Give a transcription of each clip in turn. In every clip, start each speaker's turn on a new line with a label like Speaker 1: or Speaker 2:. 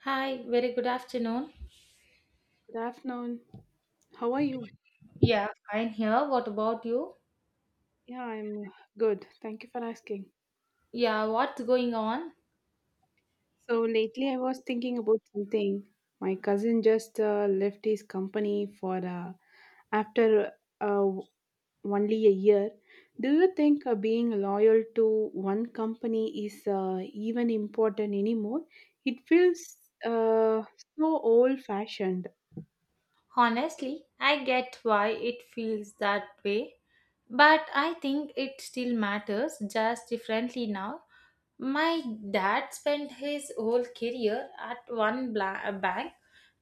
Speaker 1: Hi, very good afternoon.
Speaker 2: Good afternoon. How are you?
Speaker 1: Yeah, fine here. What about you?
Speaker 2: Yeah, I'm good. Thank you for asking.
Speaker 1: Yeah, what's going on?
Speaker 2: So lately I was thinking about something. My cousin just left his company for after uh, only a year. Do you think being loyal to one company is even important anymore? It feels uh, so old fashioned.
Speaker 1: Honestly, I get why it feels that way, but I think it still matters just differently now. My dad spent his whole career at one bank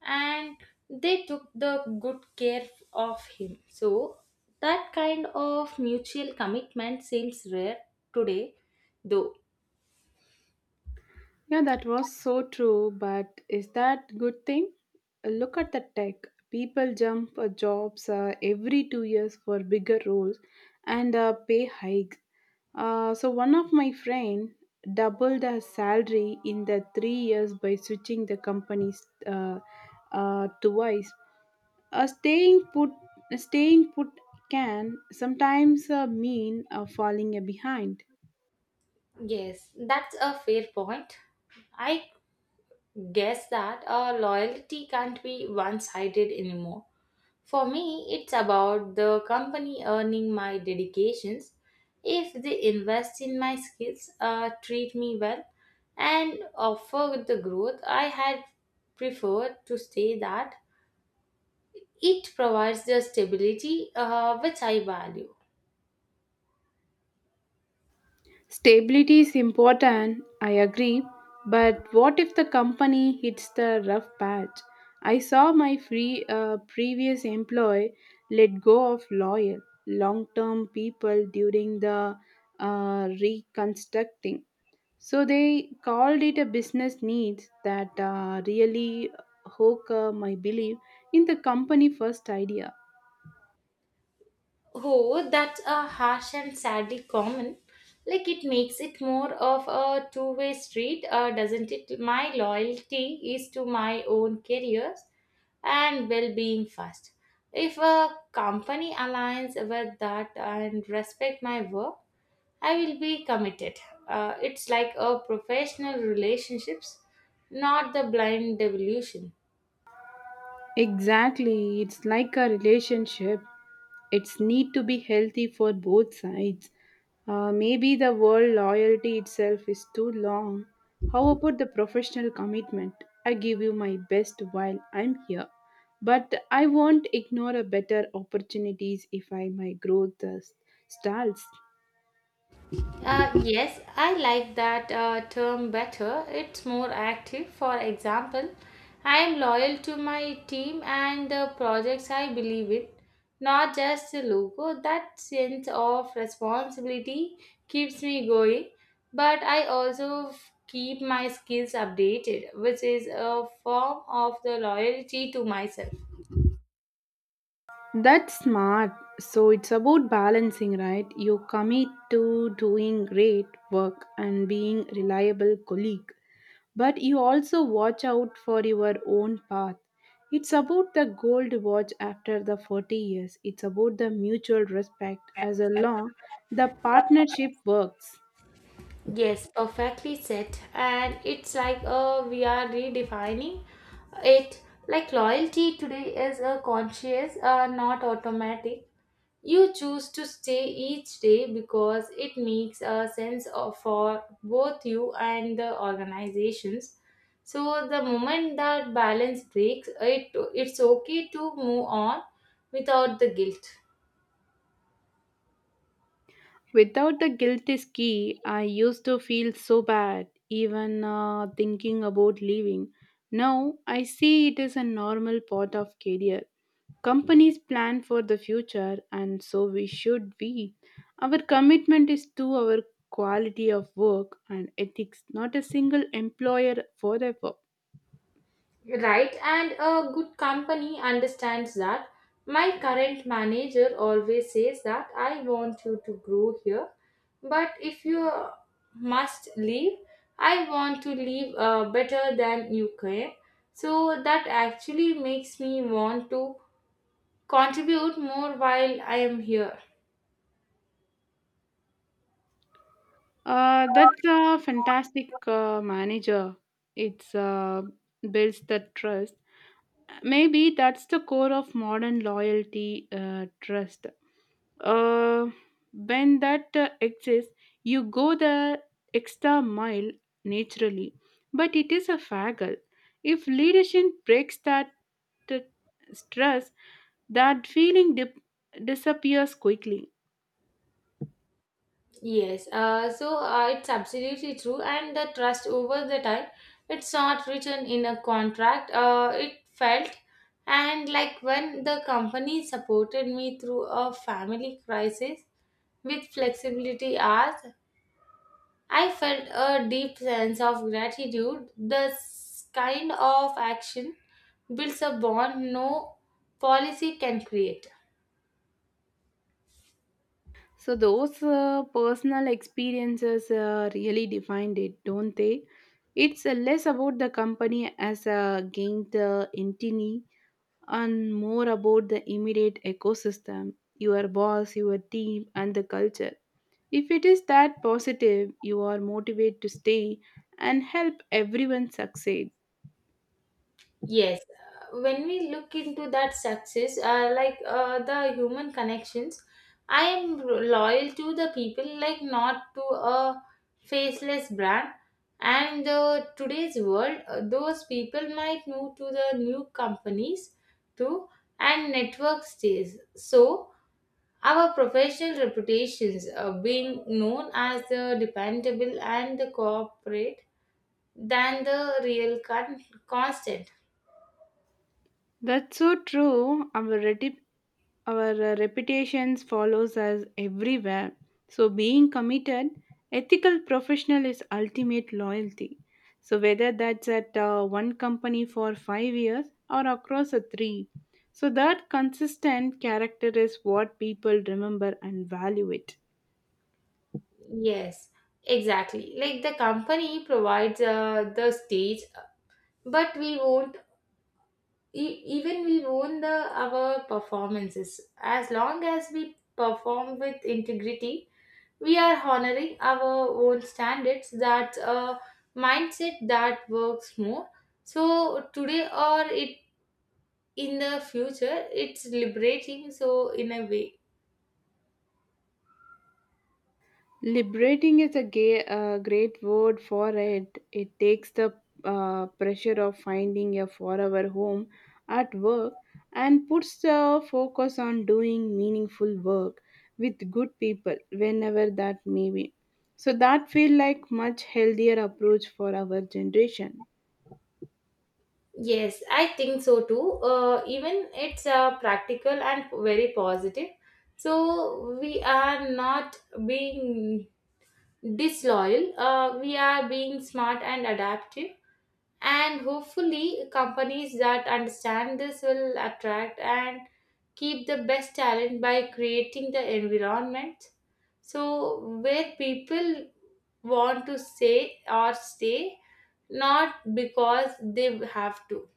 Speaker 1: and they took the good care of him. So, that kind of mutual commitment seems rare today, though.
Speaker 2: Yeah, that was so true, but is that good thing? Look at the tech. People jump jobs every 2 years for bigger roles and pay hikes. So one of my friend doubled her salary in the 3 years by switching the companies twice. Uh, staying put, staying put can sometimes mean falling behind.
Speaker 1: Yes, that's a fair point. I guess that loyalty can't be one sided anymore. For me, it's about the company earning my dedications. If they invest in my skills, treat me well, and offer the growth, I had preferred to stay that. It provides the stability which I value.
Speaker 2: Stability is important, I agree, but what if the company hits the rough patch? I saw my previous employee let go of loyal, long term people during the reconstructing. So they called it a business needs that really hook my belief in the company first idea.
Speaker 1: Oh, that's a harsh and sadly common. Like it makes it more of a two-way street, doesn't it? My loyalty is to my own careers and well-being first. If a company aligns with that and respect my work, I will be committed. It's like a professional relationships, not the blind devolution.
Speaker 2: Exactly, it's like a relationship. It's need to be healthy for both sides. Maybe the word loyalty itself is too long. How about the professional commitment? I give you my best while I'm here, but I won't ignore a better opportunities if I my growth stalls.
Speaker 1: Yes, I like that term better. It's more active. For example, I am loyal to my team and the projects I believe in, not just the logo. That sense of responsibility keeps me going, but I also keep my skills updated, which is a form of the loyalty to myself.
Speaker 2: That's smart. So it's about balancing, right? You commit to doing great work and being reliable colleague but you also watch out for your own path. It's about the gold watch after the 40 years. It's about the mutual respect as a long the partnership works.
Speaker 1: Yes, perfectly said. And it's like we are redefining it. Like loyalty today is a conscious, not automatic. You choose to stay each day because it makes a sense of, for both you and the organizations. So the moment that balance breaks, it's okay to move on without the guilt.
Speaker 2: Without the guilty ski, I used to feel so bad, even thinking about leaving. Now I see it is a normal part of career. Companies plan for the future, and so we should be. Our commitment is to our quality of work and ethics, not a single employer forever.
Speaker 1: Right, and a good company understands that. My current manager always says that I want you to grow here, but if you must leave, I want to leave better than you can. So that actually makes me want to contribute more while I am here.
Speaker 2: That's a fantastic manager. It's builds the trust. Maybe that's the core of modern loyalty trust. Uh, when that exists, you go the extra mile naturally. But it is a faggle. If leadership breaks that uh, stress, that disappears quickly.
Speaker 1: Yes, it's absolutely true, and the trust over the time, it's not written in a contract. It felt, and like when the company supported me through a family crisis with flexibility hours, I felt a deep sense of gratitude. This kind of action builds a bond no policy can create.
Speaker 2: So those personal experiences really defined it, don't they? It's less about the company as a gained entity and more about the immediate ecosystem, your boss, your team, and the culture. If it is that positive, you are motivated to stay and help everyone succeed.
Speaker 1: Yes, when we look into that success, like the human connections, I am loyal to the people, like not to a faceless brand. And the today's world, those people might move to the new companies too, and network stays. So our professional reputations being known as the dependable and the corporate than the real constant.
Speaker 2: That's so true. Our reputations follows us everywhere. So being committed, ethical professional is ultimate loyalty. So whether that's at one company for 5 years or across a 3. So that consistent character is what people remember and value it.
Speaker 1: Yes, exactly. Like the company provides the stage, but we won't even we won't the our performances. As long as we perform with integrity, we are honoring our own standards. That's a mindset that works more. So today or it in the future, it's liberating. So in a way.
Speaker 2: Liberating is a great word for it. It takes the pressure of finding a forever home at work and puts the focus on doing meaningful work with good people whenever that may be. So that feel like much healthier approach for our generation.
Speaker 1: Yes, I think so too. Even it's practical and very positive. So we are not being disloyal. We are being smart and adaptive. And hopefully, companies that understand this will attract and keep the best talent by creating the environment. So where people want to stay or stay, not because they have to.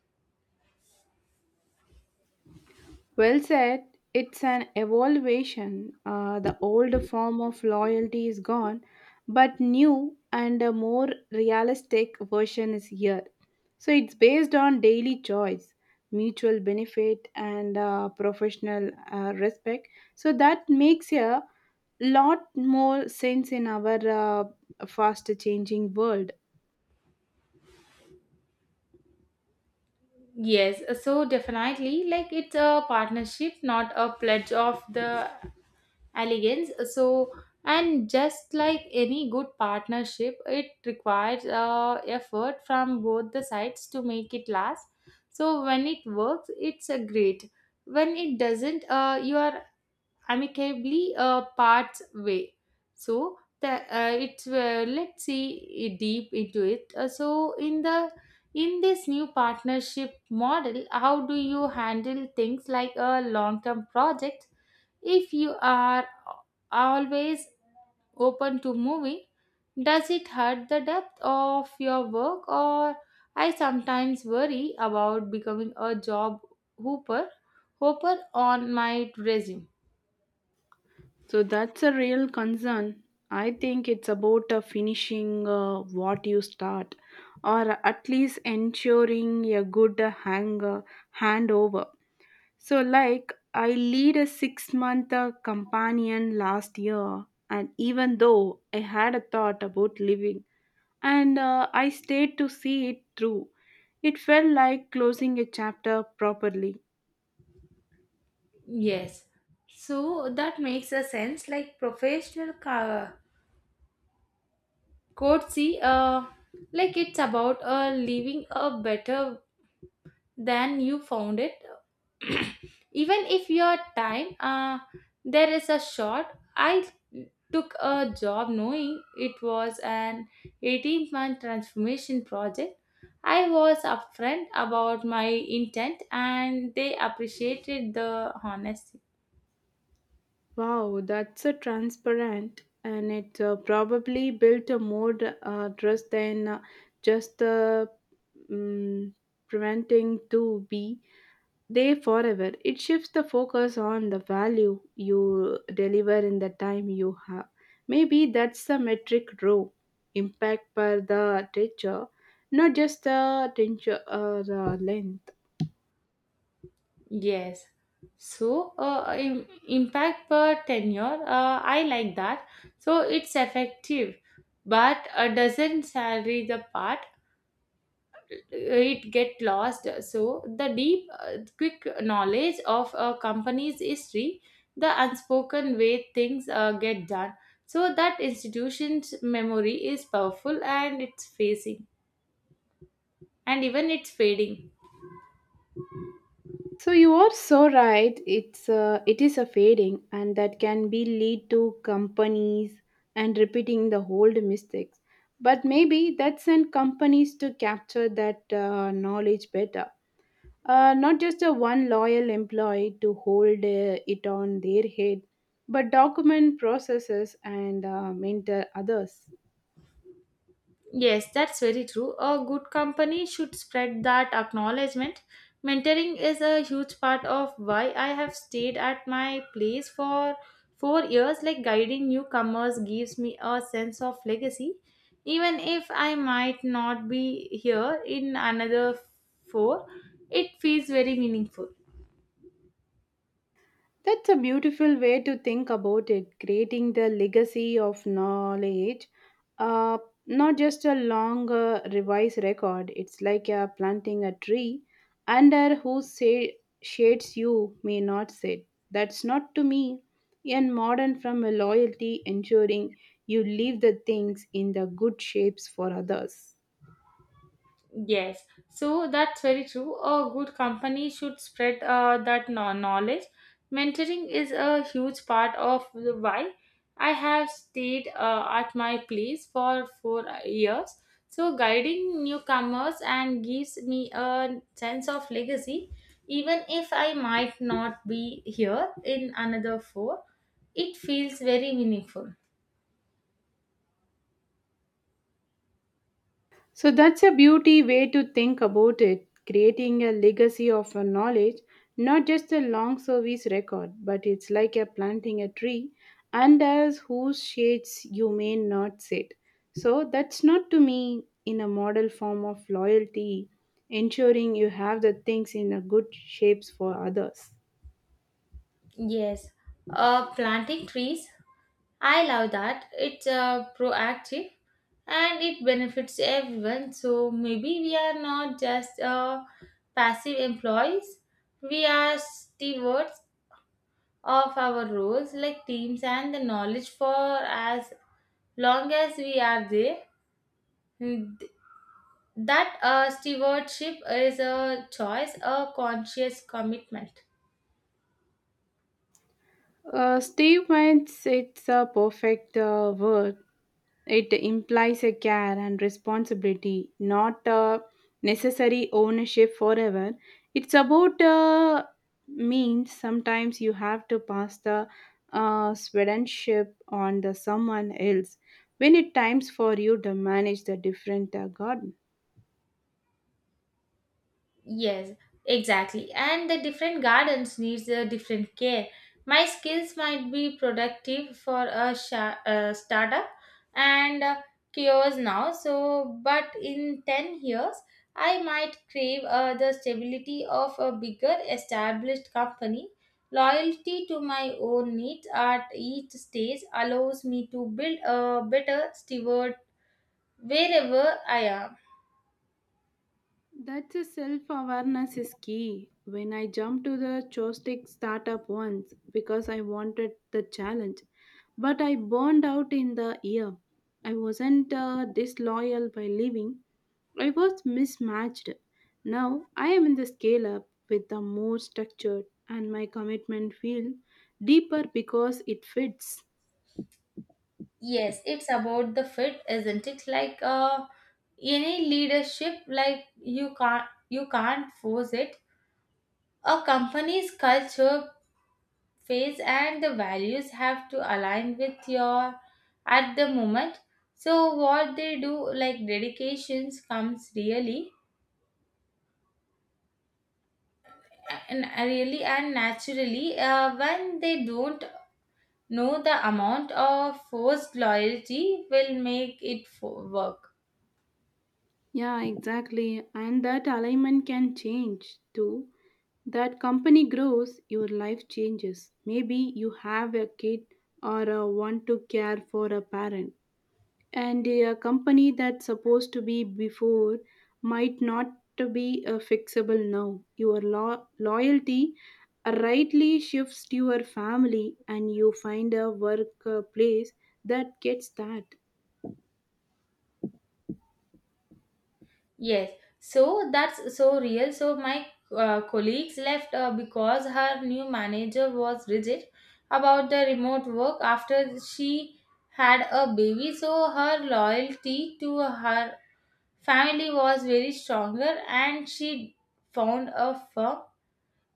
Speaker 2: Well said. It's an evolution. The old form of loyalty is gone, but new and a more realistic version is here. So it's based on daily choice, mutual benefit, and professional respect. So that makes a lot more sense in our fast changing world.
Speaker 1: Yes, so definitely, like it's a partnership, not a pledge of the allegiance. So, and just like any good partnership, it requires effort from both the sides to make it last. So, when it works, it's a great. When it doesn't, you are amicably parts way. So that it's let's see deep into it. So in this new partnership model, how do you handle things like a long term project if you are always open to moving? Does it hurt the depth of your work or I sometimes worry about becoming a job hooper hopper on my resume?
Speaker 2: So that's a real concern. I think it's about finishing what you start, or at least ensuring a good handover. So, like, I lead a 6 month companion last year, and even though I had a thought about leaving, and I stayed to see it through, it felt like closing a chapter properly.
Speaker 1: Yes. So that makes a sense like professional courtesy like it's about leaving a better than you found it even if your time there is a short. I took a job knowing it was an 18-month transformation project. I was upfront about my intent and they appreciated the honesty.
Speaker 2: Wow, that's a transparent, and it probably built a more trust than just the mm preventing to be there forever. It shifts the focus on the value you deliver in the time you have. Maybe that's the metric row impact per the teacher, not just the teacher or the lens.
Speaker 1: Yes. So, impact per tenure, I like that. So, it's effective, but doesn't salary the part, it get lost. So, the deep, quick knowledge of a company's history, the unspoken way things get done. So, that institution's memory is powerful and it's facing, and even it's fading.
Speaker 2: So you are so right. It is a fading, and that can be lead to companies and repeating the old mistakes. But maybe that send companies to capture that knowledge better. Not just a one loyal employee to hold it on their head, but document processes and mentor others.
Speaker 1: Yes, that's very true. A good company should spread that acknowledgement. Mentoring is a huge part of why I have stayed at my place for 4 years. Like guiding newcomers gives me a sense of legacy, even if I might not be here in another four. It feels very meaningful.
Speaker 2: That's a beautiful way to think about it, creating the legacy of knowledge. Uh, not just a long revised record, it's like planting a tree under shades you may not sit. That's not to me in modern from a loyalty ensuring you leave the things in the good shapes for others.
Speaker 1: Yes, so that's very true. A good company should spread that knowledge. Mentoring is a huge part of the why I have stayed at my place for 4 years. So, guiding newcomers and gives me a sense of legacy, even if I might not be here in another four. It feels very meaningful.
Speaker 2: So that's a beauty way to think about it, creating a legacy of a knowledge, not just a long service record, but it's like a planting a tree and as whose shades you may not sit. So that's not to me in a model form of loyalty, ensuring you have the things in a good shapes for others.
Speaker 1: Yes, planting trees I love that. It's proactive and it benefits everyone. So maybe we are not just passive employees, we are stewards of our roles like teams and the knowledge for as long as we are there. And th- That stewardship is a choice, a conscious commitment.
Speaker 2: Steve Vance, it's a perfect word. It implies a care and responsibility, not a necessary ownership forever. It's about means sometimes you have to pass the swedship on the someone else when it times for you to manage the different garden.
Speaker 1: Yes, exactly. And the different gardens needs a different care. My skills might be productive for a startup and cures now. So, but in 10 years, I might crave the stability of a bigger established company. Loyalty to my own needs at each stage allows me to build a better steward wherever I am.
Speaker 2: That's a self awareness is key. When I jumped to the Chostic startup once because I wanted the challenge, but I burned out in the year. I wasn't disloyal by leaving, I was mismatched. Now I am in the scale up with the more structured, and my commitment feel deeper because it fits.
Speaker 1: Yes, it's about the fit, isn't it? Like any leadership, like you can't force it. A company's culture, phase, and the values have to align with your at the moment. So what they do, like dedications, comes really and really and naturally when they don't know the amount of forced loyalty will make it work.
Speaker 2: Yeah, exactly. And that alignment can change too. That company grows, your life changes. Maybe you have a kid or want to care for a parent. And a company that's supposed to be before might not to be fixable now. Your loyalty rightly shifts to your family and you find a workplace that gets that.
Speaker 1: Yes, so that's so real. So my colleagues left because her new manager was rigid about the remote work after she had a baby. So her loyalty to her family was very stronger, and she found a firm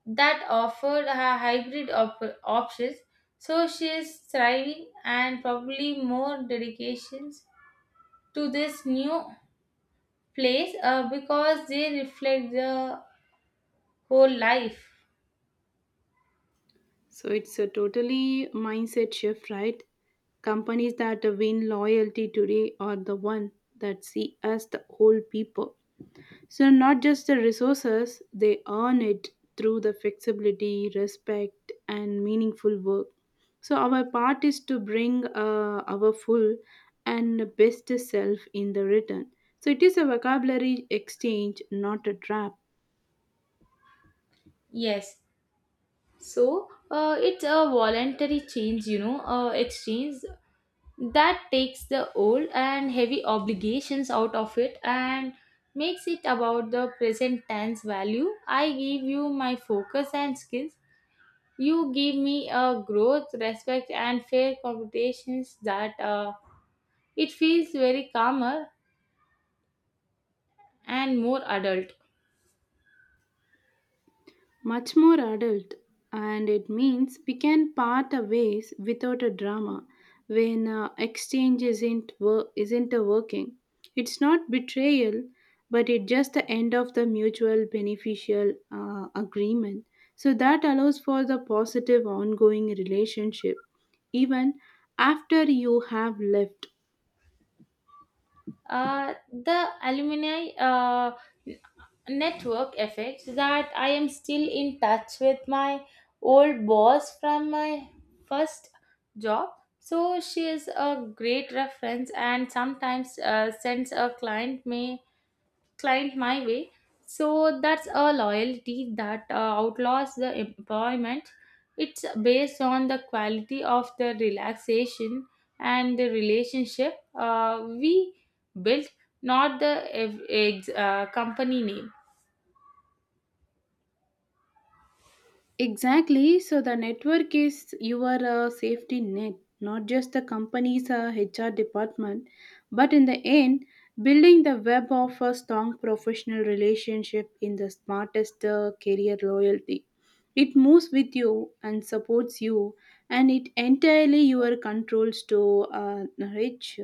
Speaker 1: that offered her hybrid options. So she is thriving and probably more dedications to this new place because they reflect the whole life.
Speaker 2: So it's a totally mindset shift, right? Companies that win loyalty today are the one that see us the whole people. So not just the resources, they earn it through the flexibility, respect, and meaningful work. So our part is to bring our full and best self in the return. So it is a vocabulary exchange, not a trap.
Speaker 1: Yes. So it's a voluntary change, you know, exchange that takes the old and heavy obligations out of it and makes it about the present tense value. I give you my focus and skills. You give me a growth, respect, and fair competitions that it feels very calmer and more adult.
Speaker 2: Much more adult and it means we can part our ways without a drama when exchange isn't wor- isn't a working. It's not betrayal but it's just the end of the mutual beneficial agreement, so that allows for the positive ongoing relationship even after you have left.
Speaker 1: The alumni network effects that I am still in touch with my old boss from my first job. So she is a great reference and sometimes since a client may client my way. So that's a loyalty that outlaws the employment. It's based on the quality of the relaxation and the relationship we built, not the company name.
Speaker 2: Exactly. So the network is your safety net, not just the company's HR department, but in the end, building the web of a strong professional relationship in the smartest career loyalty. It moves with you and supports you, and it entirely your controls to reach.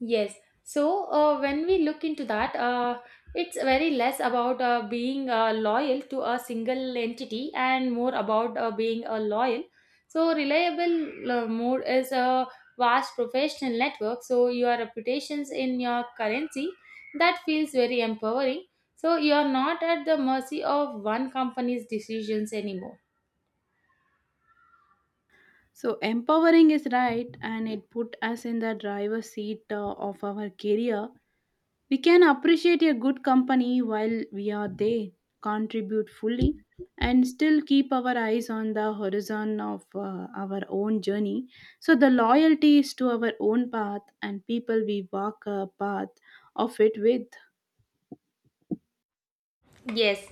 Speaker 1: Yes. So when we look into that, it's very less about being loyal to a single entity and more about being loyal. So reliable more is a vast professional network. So your reputations in your currency that feels very empowering. So you are not at the mercy of one company's decisions anymore.
Speaker 2: So empowering is right, and it put us in the driver's seat of our career. We can appreciate a good company while we are there, contribute fully, and still keep our eyes on the horizon of our own journey. So the loyalty is to our own path and people we walk a path of it with.
Speaker 1: Yes,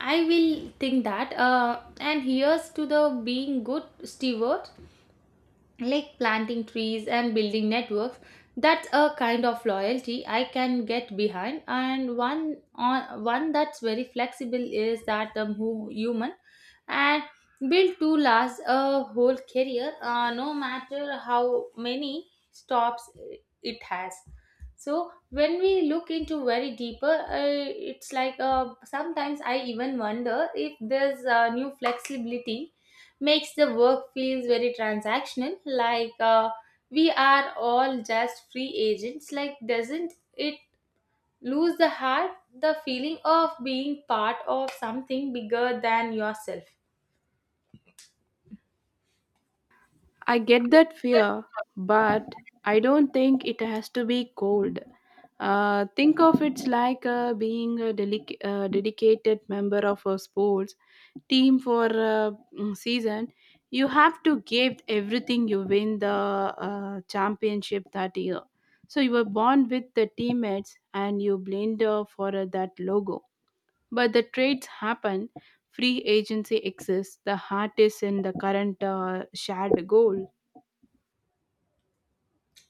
Speaker 1: I will think that. And here's to the being good steward like planting trees and building networks that's a kind of loyalty I can get behind and one on one that's very flexible is that human and built to last a whole career no matter how many stops it has. So when we look into very deeper it's like sometimes I even wonder if there's a new flexibility makes the work feels very transactional like we are all just free agents like doesn't it lose the heart the feeling of being part of something bigger than yourself.
Speaker 2: I get that fear, but I don't think it has to be cold. Think of it like being a dedicated member of a sports team for a season. You have to give everything you win the championship that year. So you were born with the teammates and you blend for that logo. But the trades happen. Free agency exists. The heart is in the current shared goal.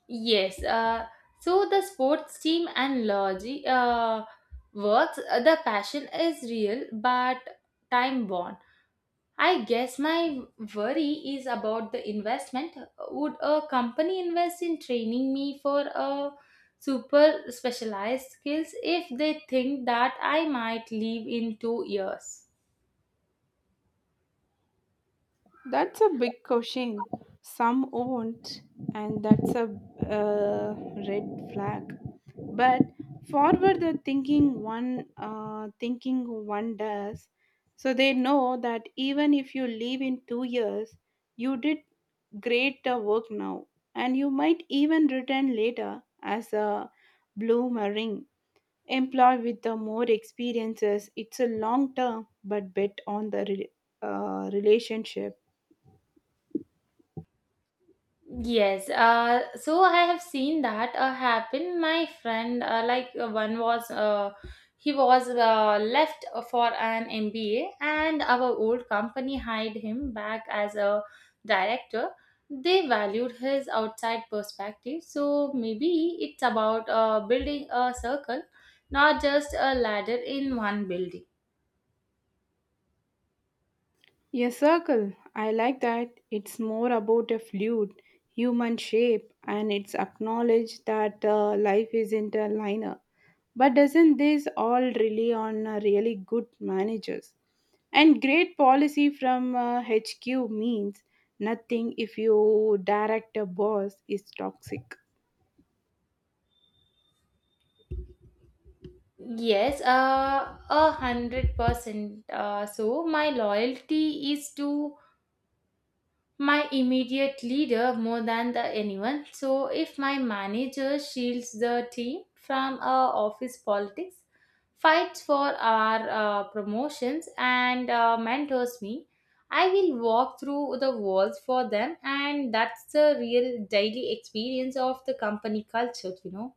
Speaker 1: Yes, so the sports team and logi works the passion is real but time bound. I guess my worry is about the investment. Would a company invest in training me for a super specialized skills if they think that I might leave in 2 years?
Speaker 2: That's a big question. Some won't, and that's a uh, red flag. But forward the thinking one does, so they know that even if you leave in 2 years, you did great work now, and you might even return later as a bloomerang employee with the more experiences. It's a long term, but bet on the relationship.
Speaker 1: Yes, so I have seen that happen. My friend, he was left for an MBA, and our old company hired him back as a director. They valued his outside perspective, so maybe it's about building a circle, not just a ladder in one building.
Speaker 2: A circle. I like that. It's more about a fluid human shape and it's acknowledged that life isn't a liner. But doesn't this all rely on really good managers? And great policy from HQ means nothing if your direct boss is toxic.
Speaker 1: Yes, 100%. So my loyalty is to my immediate leader more than the anyone, so if my manager shields the team from office politics, fights for our promotions and mentors me I will walk through the walls for them, and that's the real daily experience of the company culture, you know.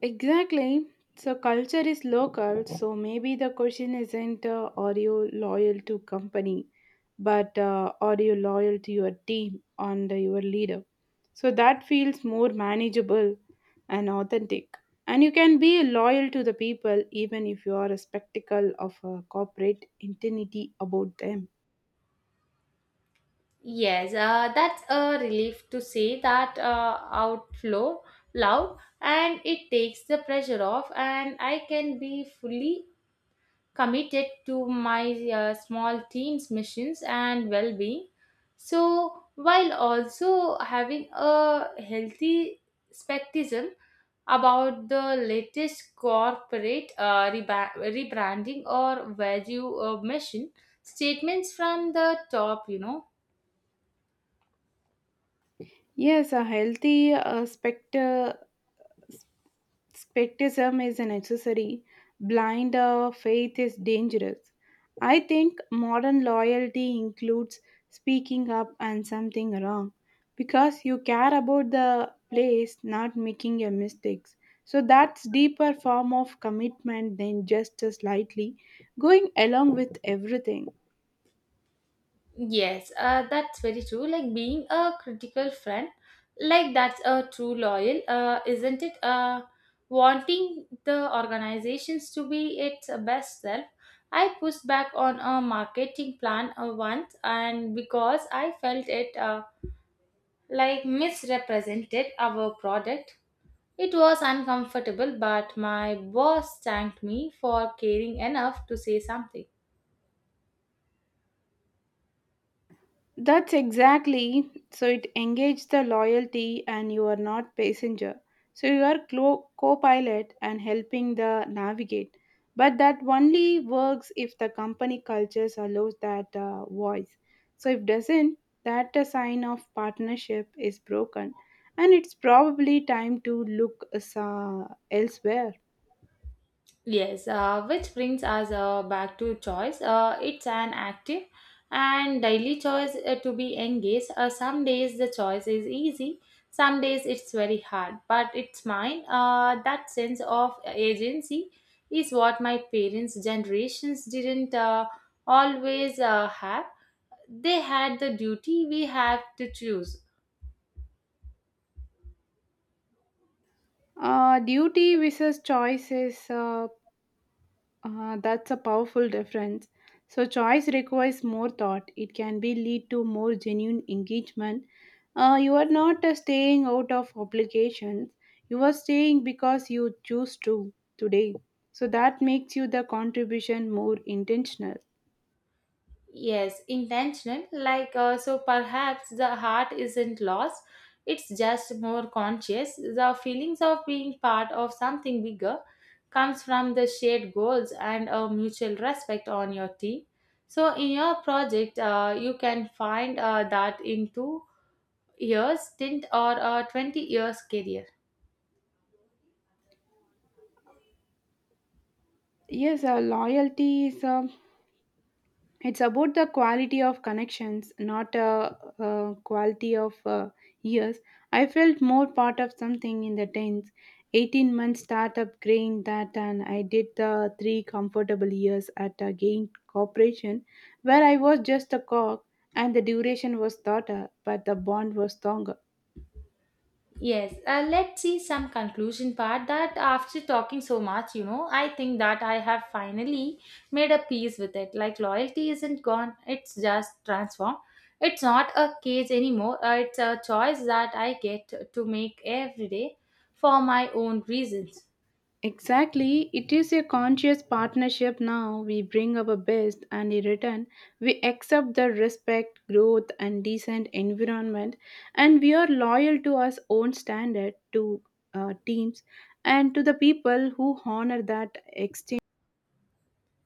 Speaker 2: Exactly. So culture is local. So maybe the question isn't are you loyal to company, but are you loyal to your team and your leader? So that feels more manageable and authentic. And you can be loyal to the people even if you are a spectacle of a corporate identity about them.
Speaker 1: Yes, that's a relief to say that outflow loud and it takes the pressure off and I can be fully committed to my small team's missions and well being. So, while also having a healthy skepticism about the latest corporate rebranding or value mission statements from the top, you know.
Speaker 2: Yes, a healthy spectrism is a necessary. Blind faith is dangerous. I think modern loyalty includes speaking up and something wrong because you care about the place, not making your mistakes. So that's deeper form of commitment than just a slightly going along with everything.
Speaker 1: Yes, that's very true. Like being a critical friend, like that's a true loyal, isn't it? Wanting the organizations to be its best self. I pushed back on a marketing plan once, and because I felt it like misrepresented our product, it was uncomfortable. But my boss thanked me for caring enough to say something.
Speaker 2: That's exactly so it engages the loyalty and you are not passenger. So you are co-pilot and helping the navigate. But that only works if the company cultures allows that voice. So if doesn't, that a sign of partnership is broken, and it's probably time to look elsewhere.
Speaker 1: Yes, which brings us back to choice. It's an active and daily choice to be engaged. Some days the choice is easy, some days it's very hard, but it's mine. That sense of agency is what my parents' generations didn't always have. They had the duty we have to choose.
Speaker 2: Duty versus choice is ah, that's a powerful difference. So choice requires more thought. It can be lead to more genuine engagement. You are not staying out of obligations. You are staying because you choose to today. So that makes you the contribution more intentional.
Speaker 1: Yes, intentional. Like, so perhaps the heart isn't lost, it's just more conscious. The feelings of being part of something bigger comes from the shared goals and a mutual respect on your team. So, in your project, you can find that in 2 years, stint, or a 20 years career.
Speaker 2: Yes, loyalty is a, it's about the quality of connections, not a, quality of years. I felt more part of something in the 10th, 18-month startup grain that, and I did the three comfortable years at a gain corporation where I was just a cog and the duration was shorter, but the bond was stronger.
Speaker 1: Yes, let's see some conclusion part that after talking so much, you know, I think that I have finally made a peace with it. Like loyalty isn't gone, it's just transformed. It's not a cage anymore, it's a choice that I get to make every day for my own reasons.
Speaker 2: Exactly, it is a conscious partnership now. We bring our best, and in return, we accept the respect, growth, and decent environment. And we are loyal to our own standard, to teams, and to the people who honor that exchange.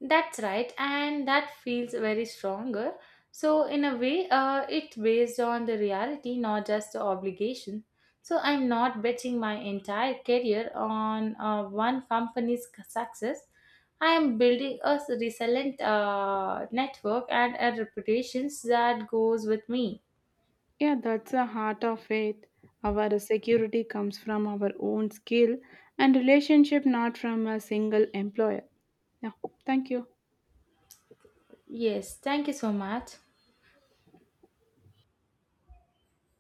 Speaker 1: That's right, and that feels very stronger. So, in a way, it's based on the reality, not just the obligation. So, I'm not betting my entire career on one company's success. I am building a resilient network and a reputation that goes with me.
Speaker 2: Yeah, that's the heart of it. Our security comes from our own skill and relationship, not from a single employer. Yeah, thank you.
Speaker 1: Yes, thank you so much.